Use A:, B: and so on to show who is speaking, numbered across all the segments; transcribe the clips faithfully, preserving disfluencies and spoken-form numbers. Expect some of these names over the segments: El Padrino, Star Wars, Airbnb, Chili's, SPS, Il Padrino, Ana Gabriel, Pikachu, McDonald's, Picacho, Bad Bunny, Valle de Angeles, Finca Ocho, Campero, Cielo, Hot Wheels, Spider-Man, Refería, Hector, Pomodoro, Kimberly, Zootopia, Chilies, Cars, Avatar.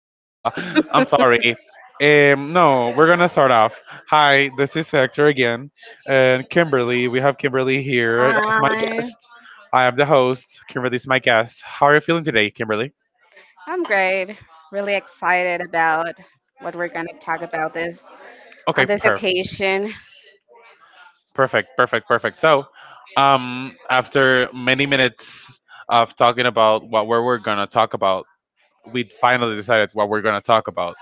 A: Uh, I'm sorry. Um, no, We're gonna start off. Hi, this is Hector again, and Kimberly. We have Kimberly here as my
B: Hi,
A: guest. I am the host. Kimberly's my guest. How are you feeling today, Kimberly?
B: I'm great. Really excited about what we're going to talk about this on
A: Okay,
B: this
A: perfect,
B: occasion.
A: perfect, perfect, perfect. So, um, after many minutes of talking about what we we're gonna talk about, we finally decided what we're gonna talk about.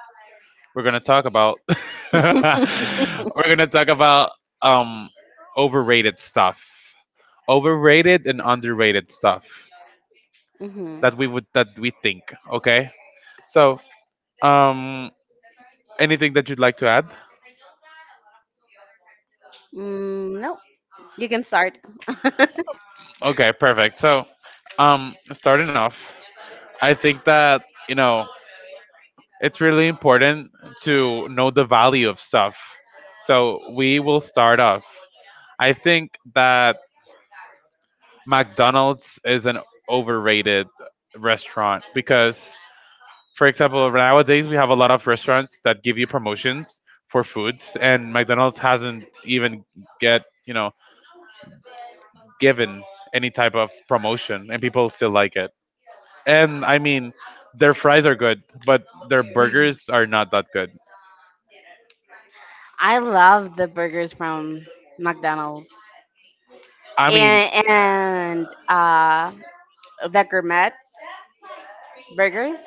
A: We're gonna talk about we're gonna talk about um overrated stuff. Overrated and underrated stuff
B: hmm
A: that we would that we think, okay? So, um anything that you'd like to add?
B: Mm, no, you can start.
A: Okay, perfect. So, um starting off, I think that, you know, it's really important to know the value of stuff. So, we will start off. I think that McDonald's is an overrated restaurant because, for example, nowadays we have a lot of restaurants that give you promotions for foods, and McDonald's hasn't even get you know given any type of promotion, and people still like it. And I mean, their fries are good, but their burgers are not that good.
B: I love the burgers from McDonald's
A: I mean,
B: and and uh, the gourmet burgers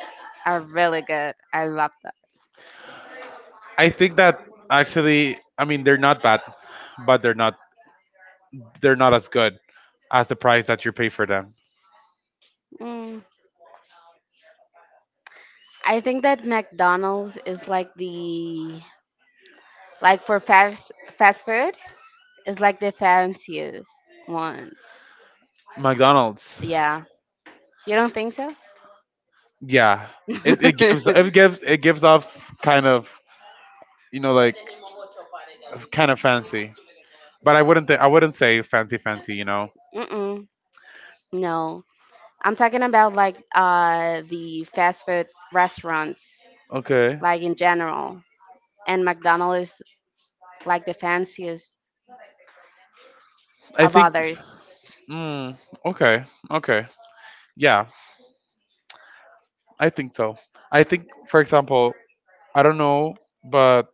B: are really good. I love that.
A: I think that actually, I mean, they're not bad, but they're not they're not as good as the price that you pay for them.
B: Mm, I think that McDonald's is like the like for fast fast food is like the fanciest one.
A: McDonald's.
B: Yeah. You don't think so?
A: Yeah, it, it gives it gives it gives off kind of, you know, like kind of fancy, but i wouldn't th- i wouldn't say fancy fancy, you know.
B: Mm-mm. No. I'm talking about like uh the fast food restaurants,
A: Okay.
B: like in general. And McDonald's is like the fanciest
A: i
B: of
A: think
B: others.
A: mm, okay, okay, yeah, I think so. I think, for example, I don't know, but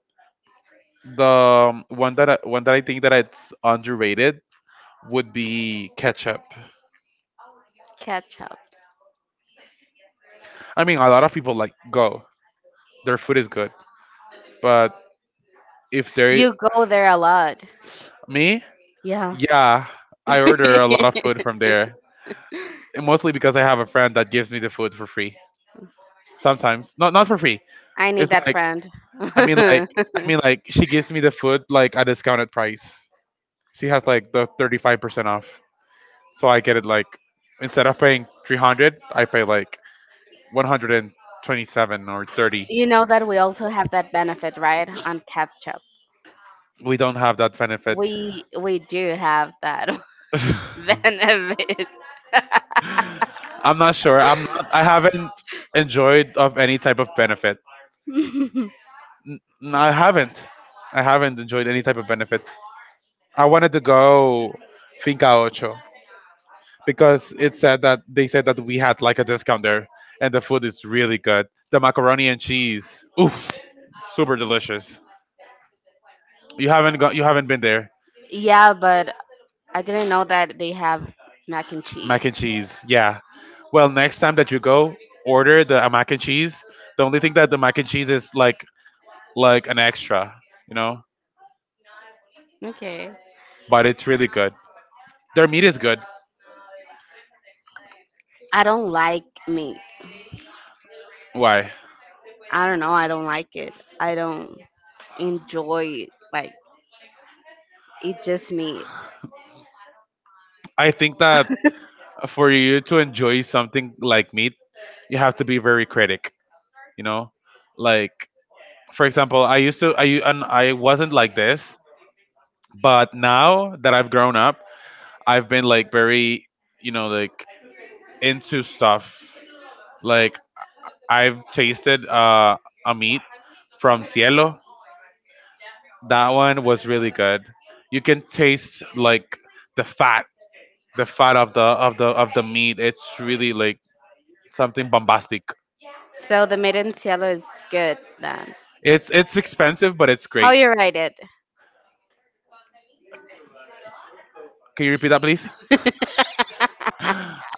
A: the um, one that I, one that I think that it's underrated would be ketchup.
B: Ketchup.
A: I mean, a lot of people like go their food is good, but if they—
B: You go there a lot.
A: Me?
B: Yeah.
A: Yeah, I order a lot of food from there, and mostly because I have a friend that gives me the food for free. Sometimes, not not for free.
B: I
A: It's
B: need that
A: like,
B: friend.
A: I mean, like, I mean, like, she gives me the food like a discounted price. She has like the thirty five percent off, so I get it like instead of paying three hundred, I pay like one hundred and twenty seven or thirty.
B: You know that we also have that benefit, right? On ketchup.
A: We don't have that benefit.
B: We we do have that benefit.
A: I'm not sure. I'm not, I haven't enjoyed of any type of benefit. N- n- I haven't. I haven't enjoyed any type of benefit. I wanted to go Finca Ocho because it said that they said that we had like a discount there, and the food is really good. The macaroni and cheese, oof, super delicious. You haven't got, you haven't been there.
B: Yeah, but I didn't know that they have mac and cheese.
A: Mac and cheese, yeah. Well, next time that you go, order the uh, mac and cheese. The only thing that the mac and cheese is like like an extra, you know.
B: Okay.
A: But it's really good. Their meat is good.
B: I don't like meat.
A: Why?
B: I don't know. I don't like it. I don't enjoy like eat just meat.
A: I think that for you to enjoy something like meat, you have to be very critic. You know, like, for example, I used to I and I wasn't like this, but now that I've grown up, I've been like very, you know, like into stuff. Like, I've tasted uh, a meat from Cielo. That one was really good. You can taste like the fat the fat of the of the of the meat. It's really like something bombastic.
B: So the made in Cielo is good then.
A: It's it's expensive, but it's
B: How
A: great.
B: you write it?
A: Can you repeat that, please? I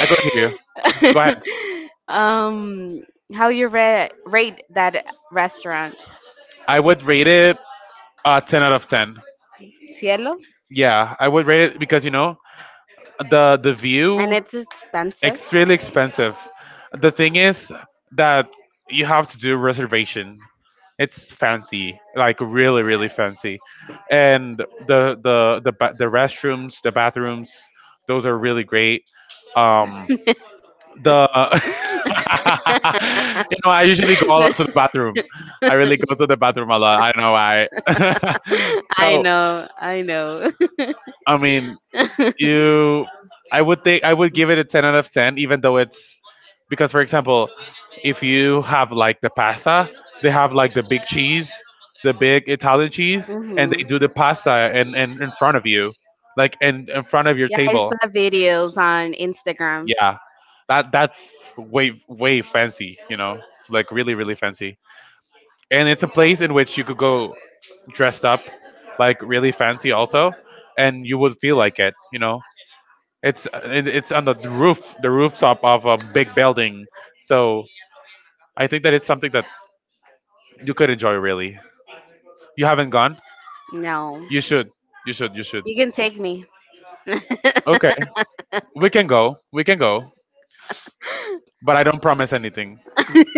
A: couldn't hear you. Go ahead.
B: um, how you ra- rate that restaurant?
A: I would rate it uh, ten out of ten.
B: Cielo?
A: Yeah, I would rate it because, you know, the the
B: And
A: view—
B: it's expensive.
A: It's really expensive. The thing is that you have to do reservation. It's fancy, like really, really fancy, and the the the ba- the restrooms, the bathrooms, those are really great. Um, the You know, I usually go a lot to the bathroom. I really go to the bathroom a lot. I don't know why.
B: I
A: So
B: know, I know.
A: I mean, you— I would think I would give it a ten out of ten even though it's— because, for example, if you have like the pasta, they have like the big cheese, the big Italian cheese, and
B: Mhm.
A: they do the pasta and and in, in front of you like and in, in front of your
B: Yeah, I
A: table.
B: saw videos on Instagram.
A: Yeah, that that's way way fancy, you know, like really really fancy. And it's a place in which you could go dressed up, like really fancy also, and you would feel like it, you know. It's uh, it, it's on the roof, the rooftop of a big building. So I think that it's something that you could enjoy. Really, you haven't gone.
B: No,
A: You should. You should. You should.
B: you can take me.
A: Okay, we can go. We can go. But I don't promise anything.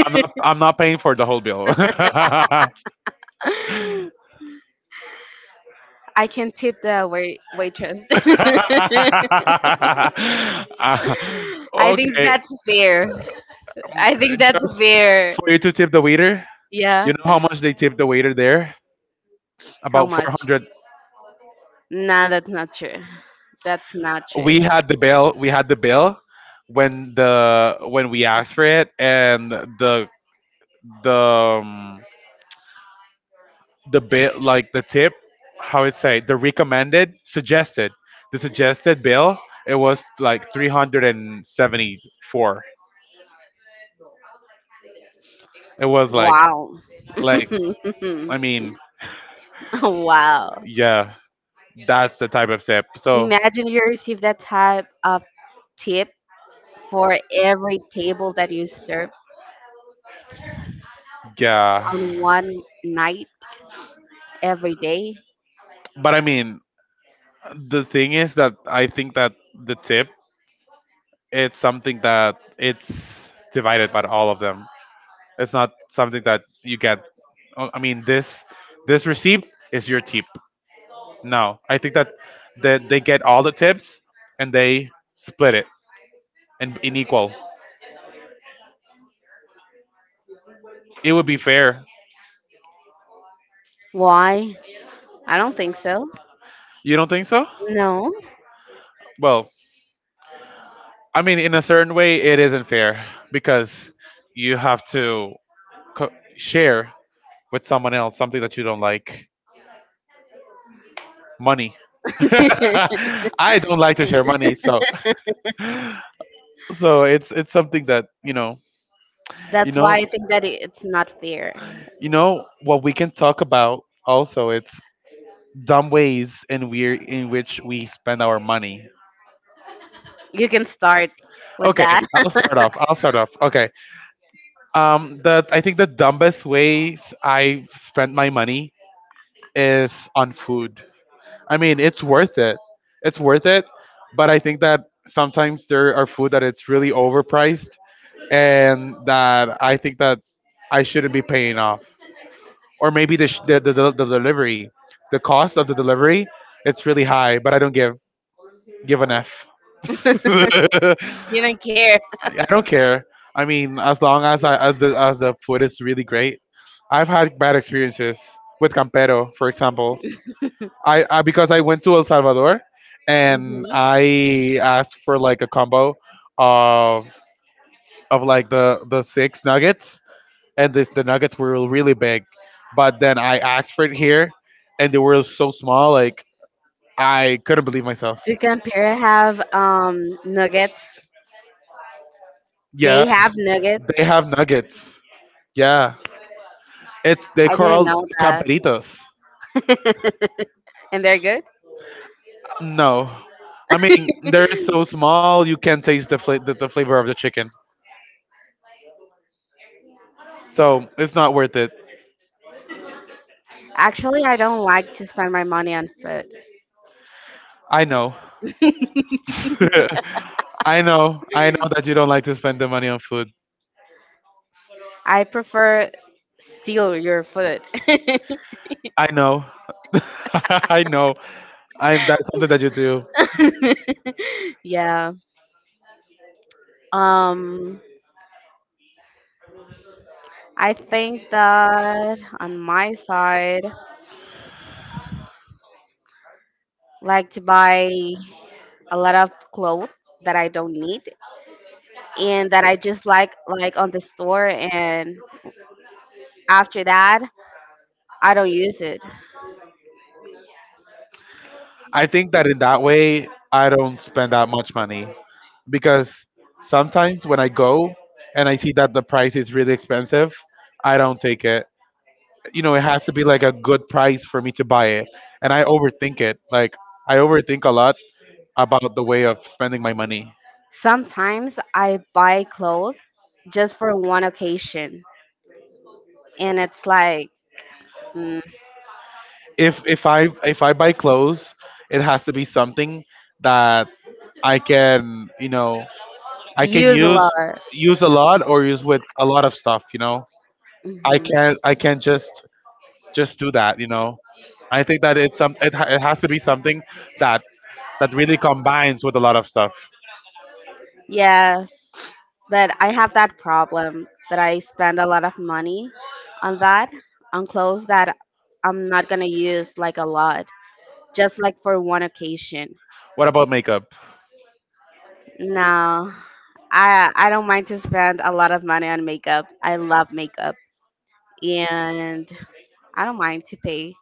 A: I'm not. I'm not paying for the whole bill.
B: I can tip the wait- waitress. I
A: Uh,
B: think
A: okay.
B: that's fair.
A: Um,
B: I think that's
A: Just
B: fair.
A: for you to tip the waiter. You
B: Yeah.
A: know how much they tip the waiter there?
B: How
A: About four
B: much?
A: hundred
B: Nah, that's not true. That's not true.
A: we had the bill we had the bill when the when we asked for it, and the the um, the bit like the tip, how it say, the recommended suggested, the suggested bill, it was like three hundred seventy four. It was like—
B: Wow.
A: like— I mean,
B: Wow.
A: yeah, that's the type of tip. So
B: Imagine you receive that type of tip for every table that you serve
A: yeah,
B: on one night every day.
A: but I mean, the thing is that I think that the tip, it's something that it's divided by all of them. It's not something that you get. Oh, I mean, this this receipt is your tip. No, I think that that they get all the tips and they split it and in equal. It would be fair.
B: Why? I don't think so.
A: You don't think so?
B: No.
A: Well, I mean, in a certain way, it isn't fair because you have to co- share with someone else something that you don't like. Money. I don't like to share money, so so it's it's something that, you know— you
B: That's why I
A: know
B: think that it- it's not fair.
A: you know what we can talk about also? It's dumb ways in we in which we spend our money.
B: You can start with
A: Okay,
B: that.
A: i'll start off I'll start off. Okay, um the I think the dumbest ways I spent my money is on food. I mean, it's worth it It's worth it, but I think that sometimes there are food that it's really overpriced, and that I think that I shouldn't be paying off. Or maybe the, sh- the, the the the delivery, the cost of the delivery, it's really high. But I don't give give an F.
B: You don't care.
A: I don't care. I mean, as long as I, as the as the food is really great— I've had bad experiences with Campero, for example. I, I, because I went to El Salvador
B: Mhm.
A: and I asked for like a combo of of like the the six nuggets, and the, the nuggets were really big. But then I asked for it here, and they were so small, like I couldn't believe myself.
B: To compare, I have um nuggets.
A: Yeah,
B: They have nuggets.
A: they have nuggets. Yeah, it's, they
B: I didn't
A: called
B: know that.
A: camperitos.
B: And they're good?
A: No, I mean they're so small you can't taste the fla- the the flavor of the chicken, so it's not worth it.
B: Actually, I don't like to spend my money on food.
A: I know. I know. I know that you don't like to spend the money on food.
B: I prefer steal your food.
A: I know. I know. I'm That's something that you do.
B: Yeah. Um I think that on my side, like to buy a lot of clothes that I don't need and that I just like like on the store and after that I don't use it.
A: I think that in that way, I don't spend that much money because sometimes when I go and I see that the price is really expensive, I don't take it. You know, it has to be like a good price for me to buy it. And I overthink it. Like I overthink a lot about the way of spending my money.
B: Sometimes I buy clothes just for one occasion, and it's like mm,
A: If if I if I buy clothes, it has to be something that I can, you know, I can
B: use a
A: use—
B: lot.
A: use a lot or use with a lot of stuff, you know. I
B: Mhm.
A: can't I can't just just do that, you know. I think that it's some, it, ha- it has to be something that that really combines with a lot of stuff.
B: Yes, but I have that problem that I spend a lot of money on that on clothes that I'm not gonna use like a lot, just like for one occasion.
A: What about makeup?
B: No, I I don't mind to spend a lot of money on makeup. I love makeup, and I don't mind to pay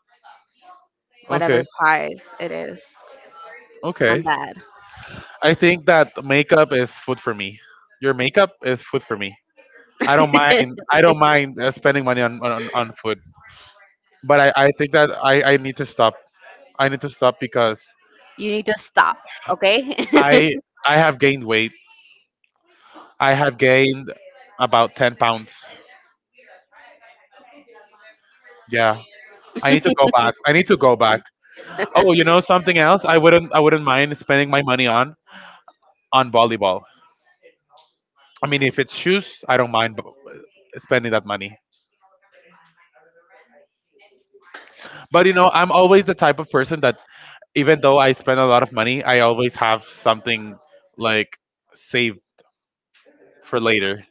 B: whatever
A: okay
B: price it is. I'm
A: okay.
B: bad.
A: I think that makeup is food for me. Your makeup is food for me. i don't mind I don't mind uh, spending money on on, on food. But I, I think that I, I need to stop. I need to stop because
B: You need to stop, okay?
A: i I have gained weight. I have gained about ten pounds. Yeah, i need to go back I need to go back. Oh, you know something else? I wouldn't. I wouldn't mind spending my money on on volleyball. I mean, if it's shoes, I don't mind b- spending that money. But you know, I'm always the type of person that even though I spend a lot of money, I always have something like saved for later.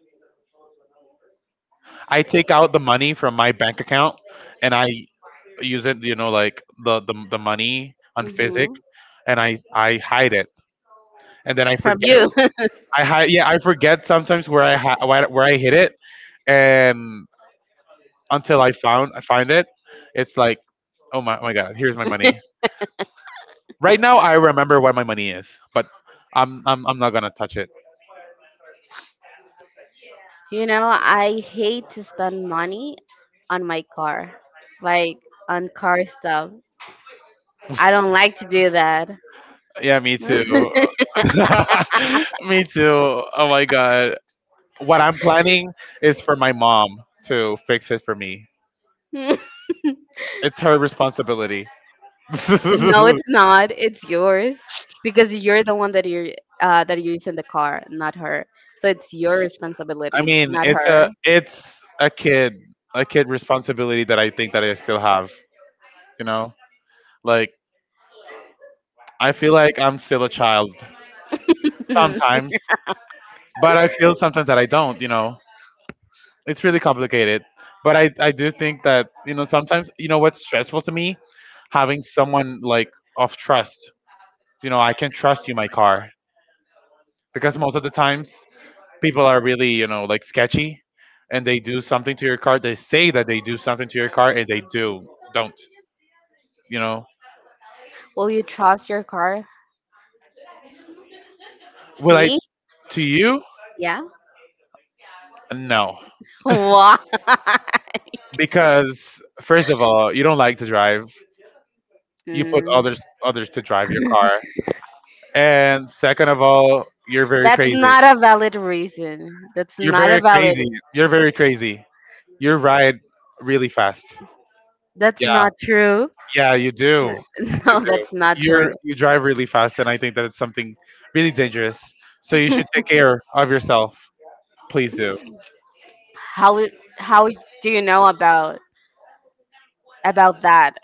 A: I take out the money from my bank account and I use it. You know, like the the, the money on
B: Mhm.
A: physic, and I I hide it, and then I
B: From
A: forget.
B: you.
A: I hide. Yeah, I forget sometimes where I ha- where I hid it, and until I found I find it. It's like, oh my, oh my god, here's my money. Right now, I remember where my money is, but I'm I'm I'm not gonna touch it.
B: You know, I hate to spend money on my car, like on car stuff. I don't like to do that.
A: Yeah, me too. Me too. Oh my god, what I'm planning is for my mom to fix it for me.
B: No,
A: It's her responsibility. I
B: it's not. It's yours because you're the one that you're uh, that you use in the car, not her. So it's your responsibility,
A: mean,
B: not
A: it's a
B: her.
A: it's a kid a kid responsibility that I think that I still have. You know, like I feel like I'm still a child sometimes, but I feel sometimes that I don't, you know. It's really complicated. But I, I do think that, you know, sometimes, you know, what's stressful to me? Having someone like of trust. You know, I can trust you my car because most of the times people are really, you know, like sketchy, and they do something to your car. They say that they do something to your car and they do, don't, you know.
B: Will you trust your car
A: Will
B: to
A: I,
B: me?
A: to you?
B: Yeah.
A: No.
B: Why?
A: Because first of all, you don't like to drive. You put
B: Mm.
A: others others to drive your car. And second of all, you're very
B: That's
A: crazy.
B: not a valid reason. That's
A: You're
B: not
A: very
B: a valid.
A: crazy. You're very crazy. You ride really fast.
B: That's
A: Yeah,
B: not true.
A: yeah, you do. You
B: No,
A: do.
B: that's not
A: You're
B: true.
A: you drive really fast, and I think that it's something really dangerous. So you should take care of yourself. Please do.
B: How it- how do you know about about that?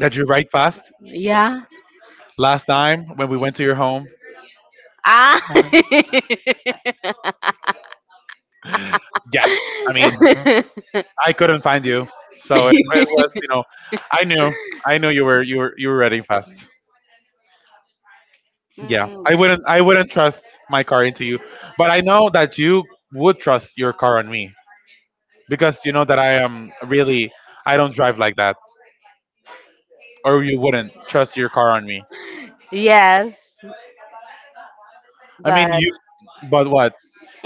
A: That you ride fast.
B: Yeah.
A: Last time when we went to your home,
B: Ah.
A: yeah. I mean, I couldn't find you, so it, it was you know, I knew, I knew you were you were you were riding fast. Yeah,
B: Mm,
A: I wouldn't. I wouldn't trust my car into you, but I know that you would trust your car on me because you know that I am really. I don't drive like that, or you wouldn't trust your car on me.
B: yes,
A: I mean,
B: but
A: you. But what?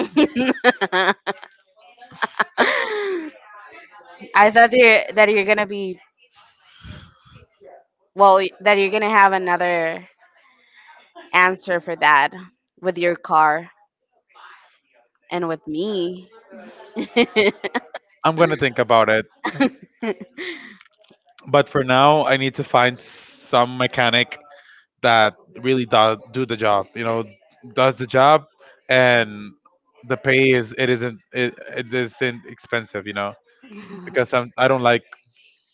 B: I thought that you're, that you're gonna be well, that you're gonna have another answer for that with your car and with me.
A: I'm gonna think about it. But for now, I need to find some mechanic that really does do the job. You know, does the job, and the pay is it isn't it, it isn't expensive. You know, because I'm I don't like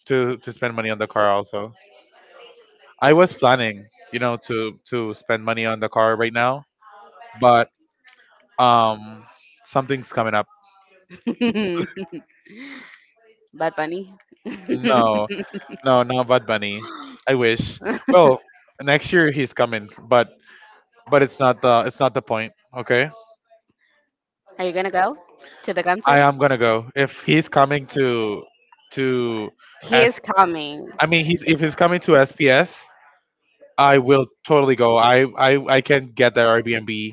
A: to to spend money on the car also. I was planning, you know, to to spend money on the car right now, but um, something's coming up.
B: Bad Bunny.
A: No, no, not Bad Bunny. I wish. Well, next year he's coming, but but it's not the it's not the point. Okay,
B: Are you gonna go to the
A: I
B: concert?
A: am gonna go if he's coming to to
B: He
A: S.
B: is coming.
A: I mean, he's if he's coming to S P S, I will totally go. I I I can get the Airbnb.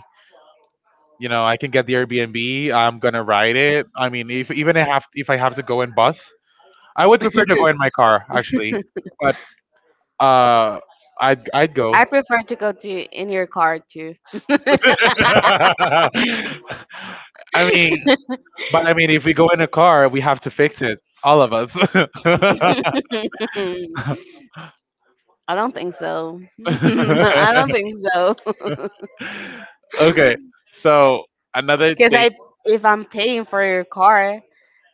A: You know, I can get the Airbnb. I'm gonna ride it. I mean, if even I have if I have to go in bus, I would prefer to go in my car actually, but uh, I'd I'd go.
B: I prefer to go to in your car too.
A: I mean, but I mean, if we go in a car, we have to fix it, all of us.
B: I don't think so. I don't think so.
A: Okay, so another
B: Because
A: thing.
B: I, if I'm paying for your car,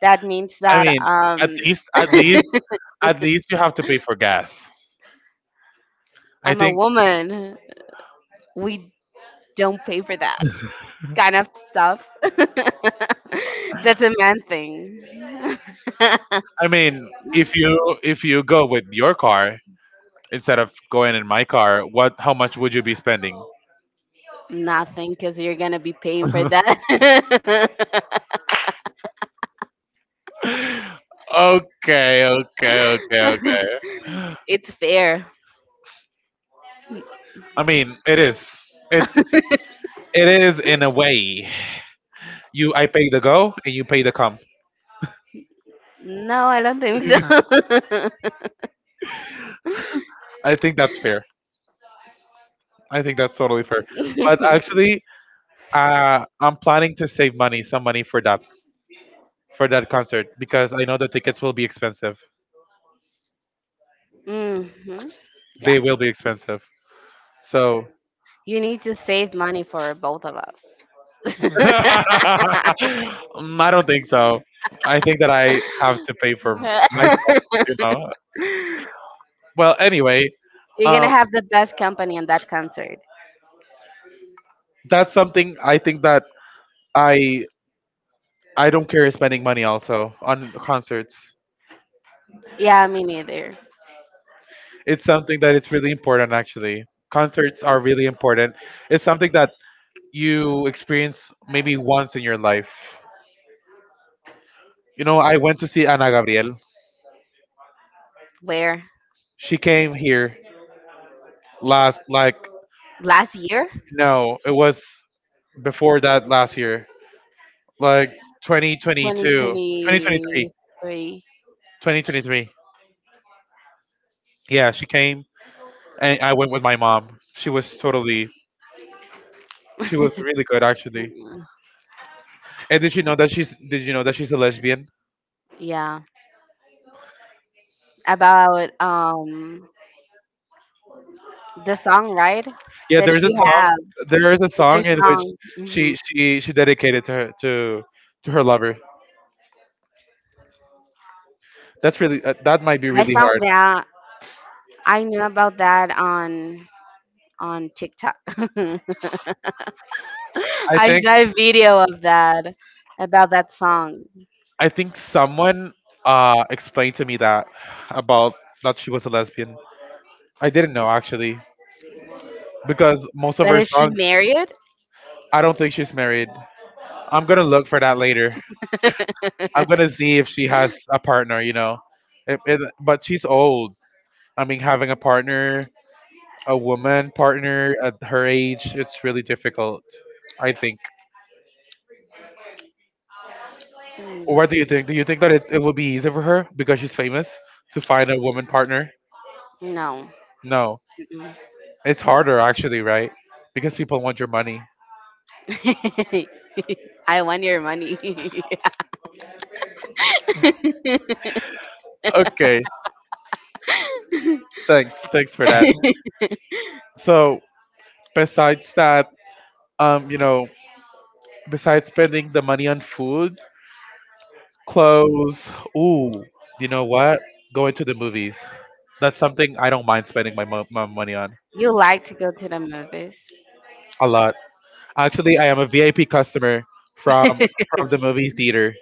B: that means
A: I
B: that
A: mean, at
B: um
A: least at least at least you have to pay for gas. I
B: I'm a
A: think.
B: woman. We don't pay for that kind of stuff. That's a man thing.
A: I mean, if you if you go with your car instead of going in my car, what how much would you be spending?
B: Nothing, because you're gonna be paying for that.
A: Okay, okay, okay, okay.
B: It's fair.
A: I mean, it is. It it is in a way. You, I pay the go, and you pay the come.
B: No, I don't think so.
A: I think that's fair. I think that's totally fair. But actually, uh, I'm planning to save money, some money for that for that concert because I know the tickets will be expensive.
B: hmm Yeah.
A: They will be expensive. So
B: You need to save money for both of us.
A: mm, I don't think so. I think that I have to pay for myself. You know. Well, anyway.
B: You're gonna
A: um,
B: have the best company in that concert.
A: That's something I think that I I don't care spending money also on concerts.
B: Yeah, me neither.
A: It's something that it's really important actually. Concerts are really important. It's something that you experience maybe once in your life. You know, I went to see Ana Gabriel.
B: Where?
A: She came here last like
B: Last year?
A: no, it was before that last year. Like twenty twenty two, twenty twenty three,
B: twenty twenty-three.
A: twenty twenty three. Yeah, she came and I went with my mom. She was totally she was really good actually.
B: Mm,
A: And did you know that she's did you know that she's a lesbian?
B: Yeah. About um the song, right?
A: Yeah,
B: That
A: there's a
B: she
A: song
B: have
A: there is a
B: their
A: song in which
B: song. hmm
A: she she she dedicated to her to to her lover. That's really uh, that might be
B: I
A: really
B: found
A: hard.
B: that I knew about that on on TikTok.
A: I
B: I
A: think
B: saw a video of that about that song.
A: I think someone uh explained to me that about that she was a lesbian. I didn't know actually because most of
B: But
A: her
B: is she
A: songs
B: married?
A: I don't think she's married. I'm going to look for that later. I'm going to see if she has a partner, you know. It, it, but she's old. I mean having a partner, a woman partner at her age, it's really difficult, I think.
B: Mm,
A: What do you think? Do you think that it, it would be easy for her because she's famous to find a woman partner?
B: No.
A: No.
B: Mm-mm.
A: It's harder, actually, right? Because people want your money.
B: I want your money.
A: Okay.
B: You
A: Thanks. Thanks for that. So, besides that, um, you know, besides spending the money on food, clothes, ooh, you know what? Going to the movies. That's something I don't mind spending my, mo- my money on
B: like to go to the movies
A: a lot. Actually, I am a V I P customer from from the movie theater.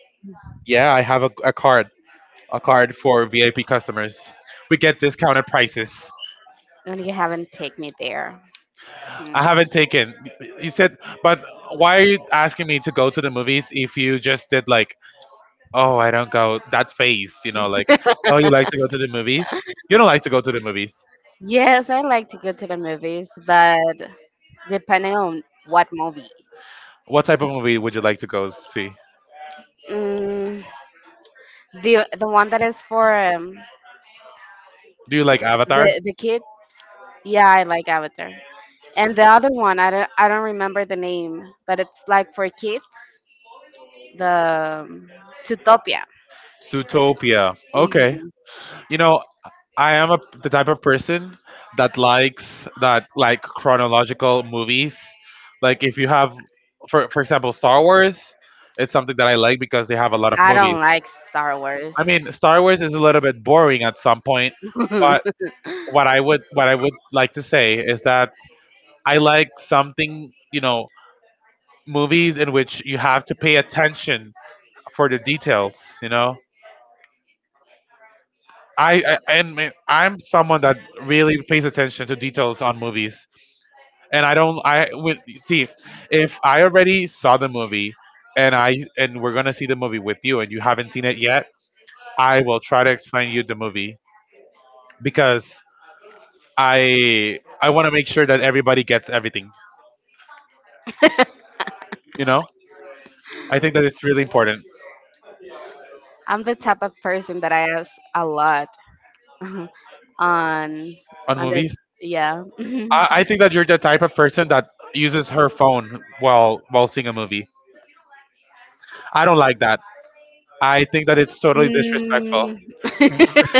A: Yeah, I have a, a card, a card for V I P customers. We get discounted prices.
B: and you haven't take me there. Mm.
A: I haven't taken. You said, but why are you asking me to go to the movies if you just did like, oh, I don't go that phase, you know, like, oh, you like to go to the movies? You don't like to go to the movies.
B: Yes, I like to go to the movies, but depending on what movie.
A: What type of movie would you like to go see?
B: Mm, the the one that is for um,
A: Do you like Avatar?
B: the the kids. Yeah, I like Avatar. And the other one, I don't I don't remember the name, but it's like for kids. The um, Zootopia.
A: Zootopia. Okay.
B: hmm
A: You know, I am a, the type of person that likes that like chronological movies. Like if you have, for for example, Star Wars, it's something that I like because they have a lot of
B: I
A: movies.
B: don't like Star Wars.
A: I mean, Star Wars is a little bit boring at some point, but what I would what I would like to say is that I like something, you know, movies in which you have to pay attention for the details. You know, I, I and me- I'm someone that really pays attention to details on movies. And I don't. I would see if I already saw the movie, and I and we're gonna see the movie with you, and you haven't seen it yet. I will try to explain you the movie because I I want to make sure that everybody gets everything. You know, I think that it's really important
B: I'm the type of person that I ask a lot on
A: on
B: on the
A: movies.
B: yeah.
A: I, I think that you're the type of person that uses her phone while while seeing a movie. I don't like that. I think that it's totally disrespectful.
B: Mm.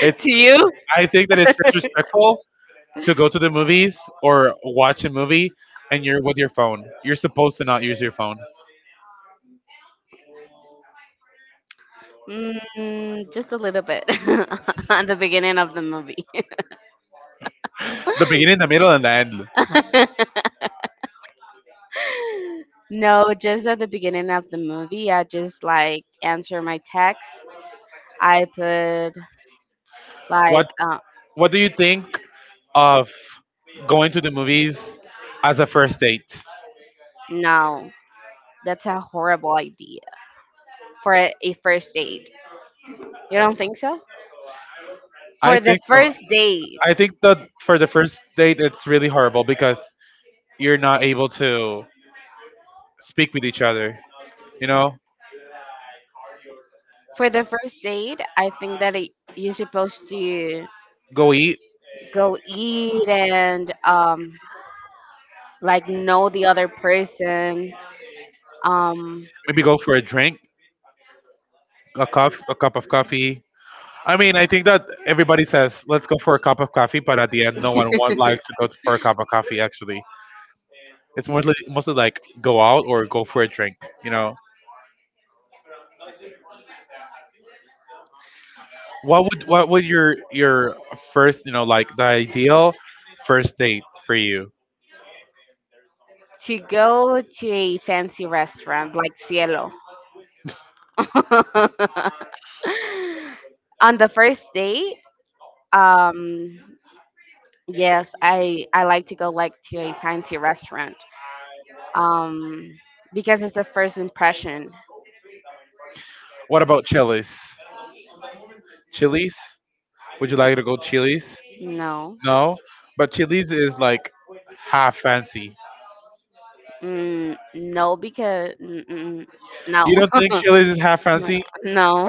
A: It
B: To you?
A: I think that it's disrespectful to go to the movies or watch a movie and you're with your phone. You're supposed to not use your phone.
B: Mm, just a little bit at the beginning of the movie.
A: The beginning, the middle, and the end.
B: No, just at the beginning of the movie, I just like answer my texts. I put
A: What
B: like, uh,
A: What do you think of going to the movies as a first date?
B: no, that's a horrible idea for a, a first date. You don't think so?
A: I
B: For the
A: think so.
B: first date.
A: I think that for the first date, it's really horrible because you're not able to speak with each other. You know,
B: For the first date, I think that it, you're supposed to
A: go eat,
B: go eat and um, like know the other person. Um,
A: maybe go for a drink, a cup, a cup of coffee, I mean, I think that everybody says, let's go for a cup of coffee, but at the end, no one wa- likes to go for a cup of coffee, actually. It's mostly, mostly like go out or go for a drink, you know? What would, what would your, your first, you know, like the ideal first date for you?
B: to go to a fancy restaurant like Cielo. On the first date, um, yes, I I like to go like to a fancy restaurant. Um, because it's the first impression.
A: What about Chili's? Chili's? Would you like to go Chili's?
B: No.
A: No? But Chili's is like half fancy.
B: Mm, no, because mm, mm,
A: You don't
B: no,
A: think Chili's is half fancy?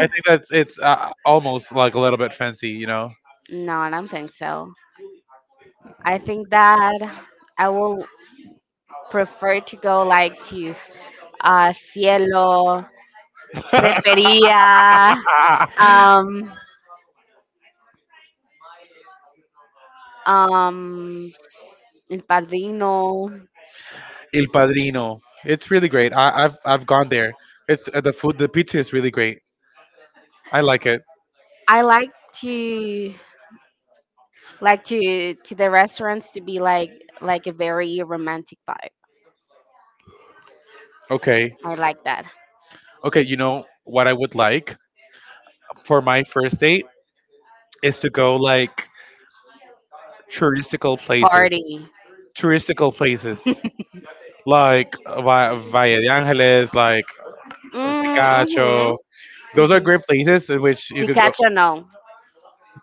A: I think that's it's uh, almost like a little bit fancy, you know?
B: no, I don't think so. I think that I will prefer to go like to uh, Cielo, Refería, um, um, El Padrino.
A: Il Padrino. It's really great. I, I've I've gone there. It's uh, the food. The pizza is really great. I like it.
B: I like to like to to the restaurants to be like like a very romantic vibe.
A: Okay,
B: I like that
A: okay. You know what I would like for my first date is to go like touristical places.
B: party.
A: Touristical places like Va- Valle de Angeles, like
B: Mm, Mm-hmm.
A: Picacho. Those are
B: hmm
A: great places in which you
B: The
A: can go.
B: catcher, no.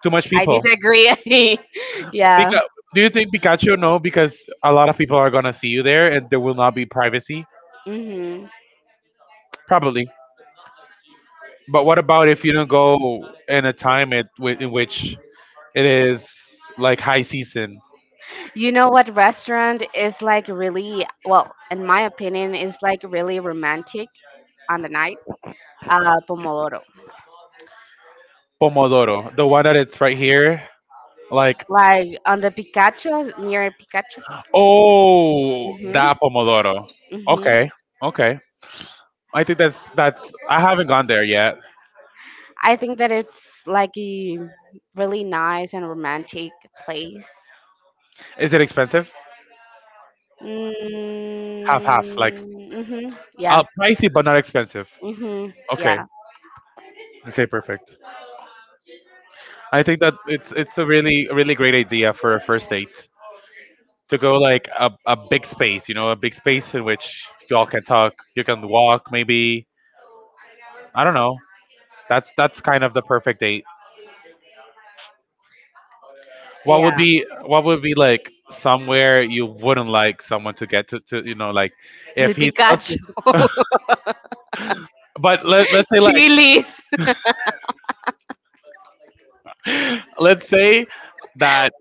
A: Too much
B: I
A: people.
B: disagree. Yeah.
A: Pica- Do you think Pikachu? No, because a lot of people are gonna see you there, and there will not be privacy.
B: hmm
A: Probably. But what about if you don't go in a time it, wi- in which it is like high season?
B: You know what restaurant is like really, well, in my opinion, is like really romantic on the night? Uh, Pomodoro.
A: Pomodoro, the one that it's right here, like
B: Like on the Picacho near Pikachu.
A: oh,
B: hmm
A: that pomodoro.
B: hmm
A: Okay, okay. I think that's that's. I haven't gone there yet.
B: I think that it's like a really nice and romantic place.
A: Is it expensive? Half
B: Mm-hmm.
A: half, like
B: Mm-hmm.
A: uh,
B: Yeah.
A: pricey but not expensive.
B: hmm
A: Okay,
B: Yeah.
A: okay, perfect. I think that it's it's a really really great idea for a first date. To go like a, a big space, you know, a big space in which y'all can talk, you can walk maybe. I don't know. That's that's kind of the perfect date. What would
B: Yeah.
A: be what would be like somewhere you wouldn't like someone to get to, to you know, like if
B: El
A: he tells you
B: Picacho.
A: but let, let's say like
B: Chilies.
A: let's say that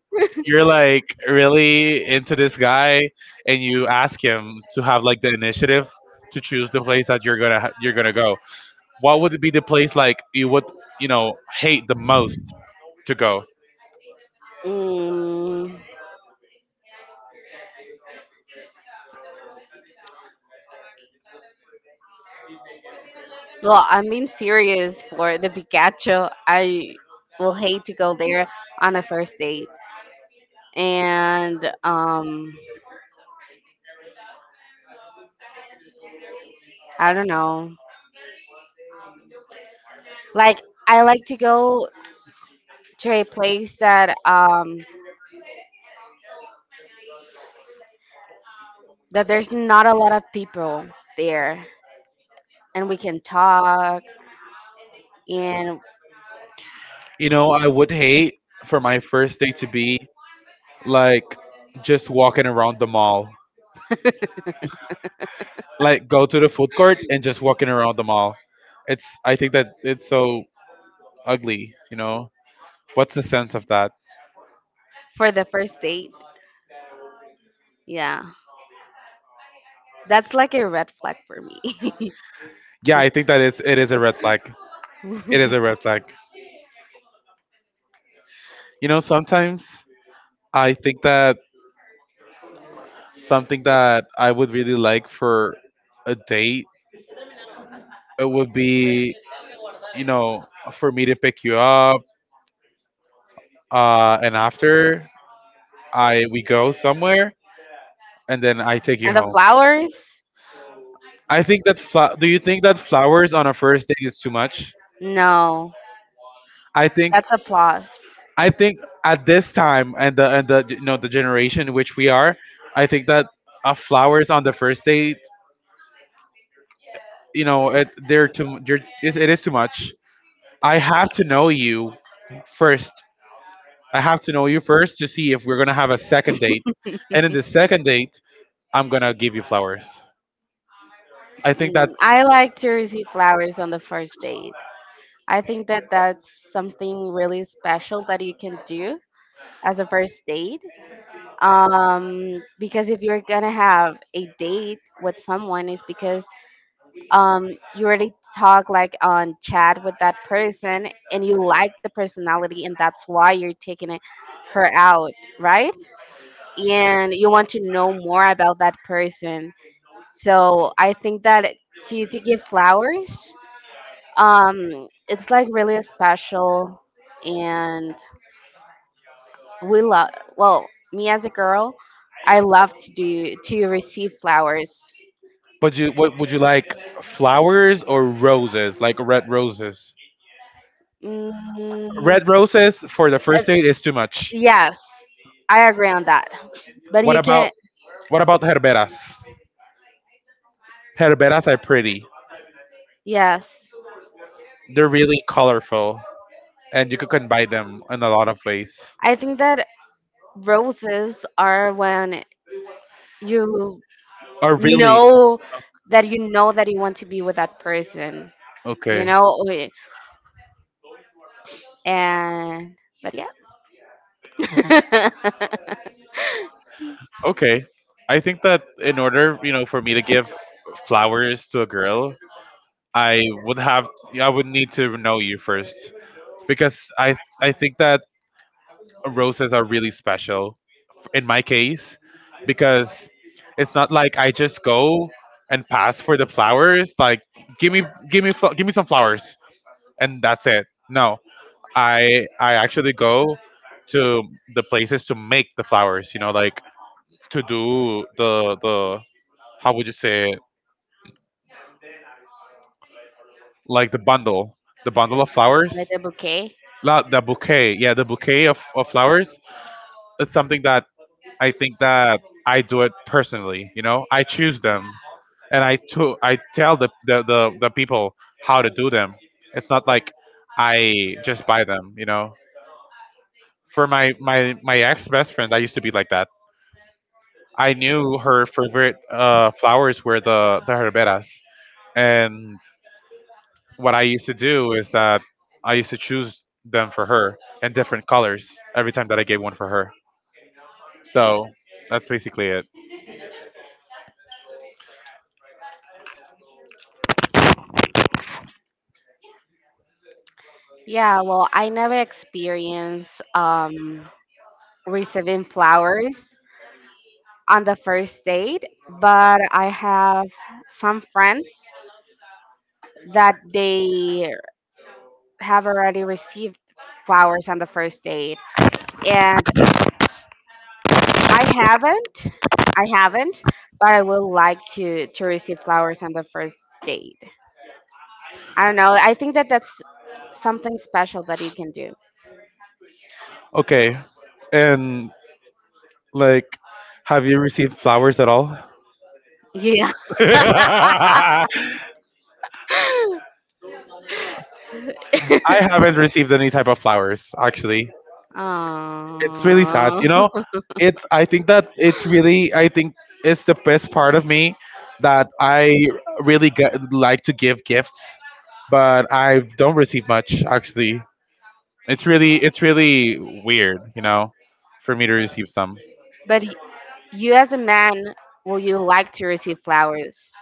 A: you're like really into this guy, and you ask him to have like the initiative to choose the place that you're gonna ha- you're gonna go. What would be the place like you would, you know, hate the most to go?
B: Mm, well, I'm being serious for the Pikachu. I will hate to go there on a first date. And um I don't know. Like I like to go to a place that um that there's not a lot of people there and we can talk and
A: You know, I would hate for my first day to be like just walking around the mall, like go to the food court and just walking around the mall. It's, I think that it's so ugly. You know, what's the sense of that?
B: for the first date. Yeah. That's like a red flag for me.
A: Yeah, I think that is it is a red flag. It is
B: And
A: a red flag. You know, sometimes I think that something that I would really like for a date, it would be, you know, for me to pick you up. Uh, and after I we go somewhere, and then I take you
B: the
A: home.
B: flowers?
A: I think that fla- do you think that flowers on a first date is too much?
B: No.
A: I think
B: That's applause.
A: I think at this time and the and the you know the generation in which we are, I think that uh, flowers on the first date, you know, it, they're too they're, it, it is too much. I have to know you first. I have to know you first to see if we're gonna have a second date. And in the second date, I'm gonna give you flowers. I think
B: Mm,
A: that.
B: I like to receive flowers on the first date. I think that that's something really special that you can do as a first date. Um, because if you're gonna have a date with someone, it's because um, you already talk like on chat with that person and you like the personality, and that's why you're taking it, her out, right? And you want to know more about that person. So I think that to to give flowers, um, it's like really special, and we love. Well, me as a girl, I love to do to receive flowers.
A: But you, what would you like, flowers or roses, like red roses?
B: Mm,
A: Red roses for the
B: uh,
A: first date is too much.
B: yes, I agree on that. But
A: What
B: you can,
A: about
B: not
A: what about herberas? Herberas are pretty.
B: yes,
A: They're really colorful, and you could combine them in a lot of ways.
B: I think that roses are when you
A: Are really
B: know that you know that you want to be with that person, you
A: okay.
B: know, and but yeah.
A: Okay, I think that in order, you know, for me to give flowers to a girl, I would have I would need to know you first. because I I think that roses are really special in my case, because it's not like I just go and pass for the flowers like give me give me fl- give me some flowers and that's it. No, I I actually go to the places to make the flowers, you know, like to do the the, how would you say it? Like the bundle, the bundle of
B: Like
A: flowers.
B: a bouquet.
A: La, the bouquet. Yeah, the bouquet of, of flowers. It's something that I think that I do it personally. You know, I choose them, and I to I tell the the, the the people how to do them. It's not like I just buy them. You know, for my my my ex best friend, I used to be like that. I knew her favorite uh, flowers were the the herberas, and what I used to do is that I used to choose them for her in different colors every time that I gave one for her. So that's basically it.
B: Yeah, well, I never experienced um receiving flowers on the first date, but I have some friends that they have already received flowers on the first date, and i haven't I haven't, but I would like to to receive flowers on the first date. I don't know. I think that that's something special that you can do.
A: Okay, and like, have you received flowers at all?
B: Yeah.
A: I haven't received any type of flowers, actually. It's really sad. You know,
B: Aw.
A: it's, I think that it's really, I think it's the best part of me that I really get, like to give gifts, but I don't receive much, actually. It's really, it's really weird, you know, for me to receive some.
B: But y- you, as a man, will you like to receive flowers?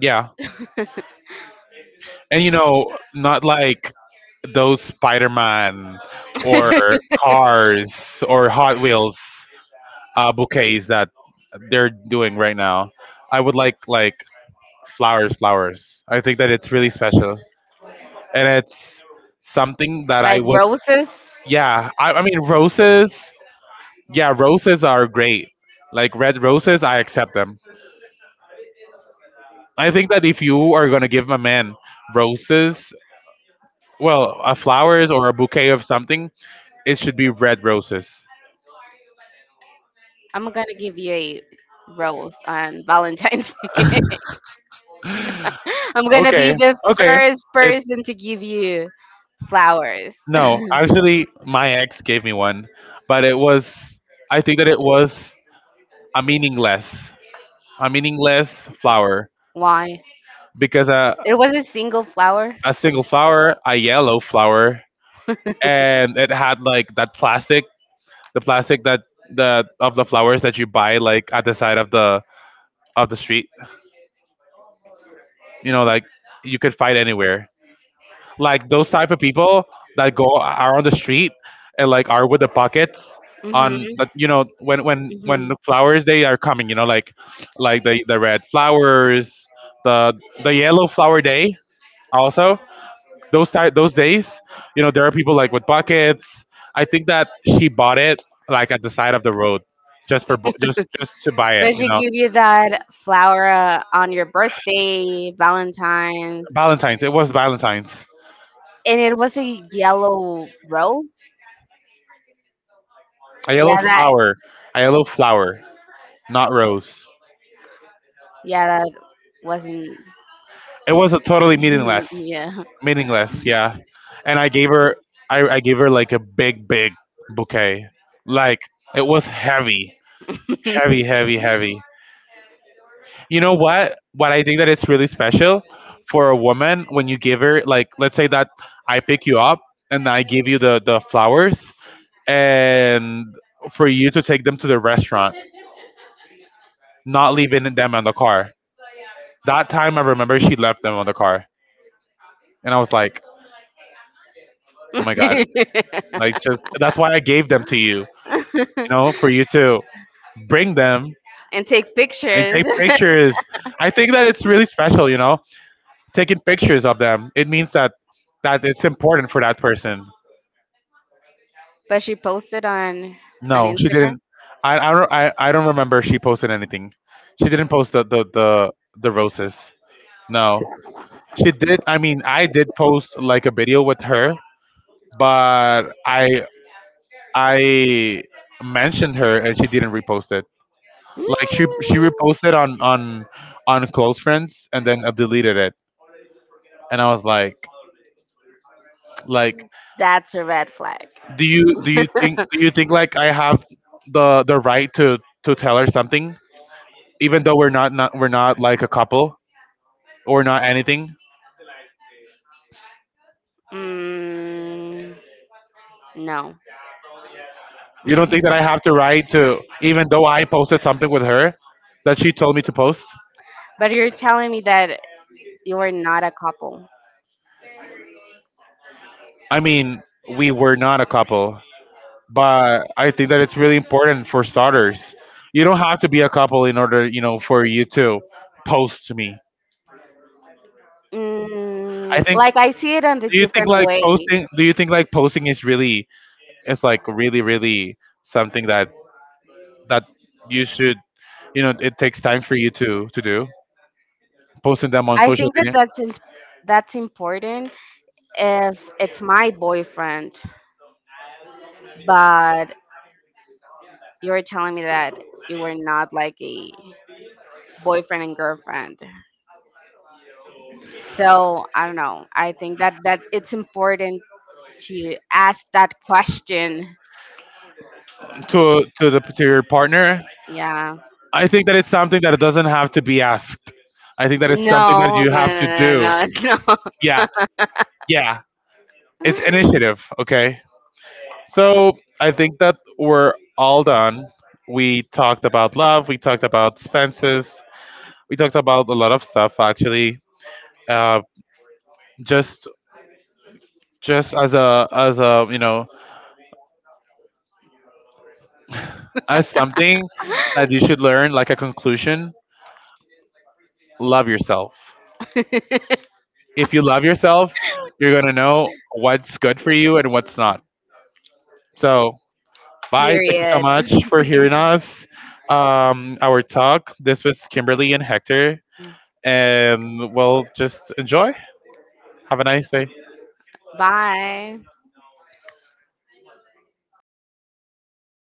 A: Yeah. And you know, not like those Spider-Man or Cars or Hot Wheels uh, bouquets that they're doing right now. I would like like flowers, flowers. I think that it's really special, and it's something that I
B: Like
A: would.
B: roses?
A: Yeah, I, I mean roses. Yeah, roses are great. Like red roses, I accept them. I think that if you are gonna give a man roses, well, a flowers or a bouquet of something, it should be red roses.
B: I'm gonna give you a rose on Valentine's Day. I'm gonna
A: Okay,
B: be the
A: okay.
B: first
A: It's
B: person to give you flowers.
A: no, actually, my ex gave me one, but it was, I think that it was a meaningless, a meaningless flower,
B: Why?
A: because a
B: There was a single flower.
A: a single flower, a yellow flower, and it had like that plastic, the plastic that the of the flowers that you buy like at the side of the of the street, you know, like you could find anywhere. Like those type of people that go are on the street and like are with the buckets
B: Mhm.
A: on the, you know, when when when
B: Mhm.
A: the flowers they are coming, you know, like like the the red flowers, the the yellow flower day, also those type those days, you know, there are people like with buckets. I think that she bought it like at the side of the road, just for bu- just just to buy it,
B: But
A: you
B: she
A: know.
B: give you that flower uh, on your birthday, Valentine's,
A: Valentine's, it was Valentine's.
B: and it was a yellow rose.
A: A yellow
B: Yeah, that.
A: flower. A yellow flower, not rose.
B: Yeah, that wasn't.
A: It was a totally meaningless,
B: Yeah.
A: meaningless. Yeah, and I gave her, I, I gave her like a big, big bouquet. Like it was heavy, heavy, heavy, heavy. You know what? What I think that it's really special for a woman when you give her, like, let's say that I pick you up and I give you the the flowers, and for you to take them to the restaurant, not leaving them on the car. That time I remember she left them on the car, and I was like, oh my god. Like just that's why I gave them to you, you know, for you to bring them
B: And take
A: and
B: pictures.
A: take pictures. I think that it's really special, you know, taking pictures of them. It means that that it's important for that person.
B: But she posted on on
A: No, she didn't.
B: Instagram.
A: I I don't, I, I don't remember if she posted anything. She didn't post the, the the the roses. No, she did. I mean, I did post like a video with her, but I I mentioned her and she didn't repost it.
B: Mm,
A: Like she she reposted on on on close friends and then uh, deleted it, and I was like, like,
B: that's a red flag.
A: do you do you think do you think like I have the the right to to tell her something, even though we're not not we're not like a couple or not anything?
B: Mm, no.
A: You don't think that I have the right to, even though I posted something with her that she told me to post?
B: But you're telling me that you are not a couple.
A: I mean, we were not a couple. But I think that it's really important for starters. You don't have to be a couple in order, you know, for you to post to me. I
B: Mm,
A: think.
B: like I see it on a
A: Do you think
B: different
A: like
B: way.
A: posting? Do you think like posting is really is like really really something that that you should, you know, it takes time for you to to do, posting them on
B: I
A: social
B: think that
A: media
B: that's in, that's important if it's my boyfriend, but you're telling me that you were not like a boyfriend and girlfriend. So I don't know. I think that that it's important to ask that question.
A: to to the to your partner.
B: Yeah.
A: I think that it's something that doesn't have to be asked. I think that it's something that
B: No,
A: you
B: no,
A: have to do.
B: no, no, no,
A: Yeah, yeah. It's
B: no.
A: initiative. Okay. So I think that we're all done. We talked about love. We talked about expenses. We talked about a lot of stuff actually. Uh, just just as a as a you know, as something that you should learn, like a conclusion. Love yourself. If you love yourself, you're gonna know what's good for you and what's not. So bye. Thank you so
B: Period.
A: much for hearing us. Um, our talk. This was Kimberly and Hector, and we'll just enjoy. Have a nice day.
B: Bye.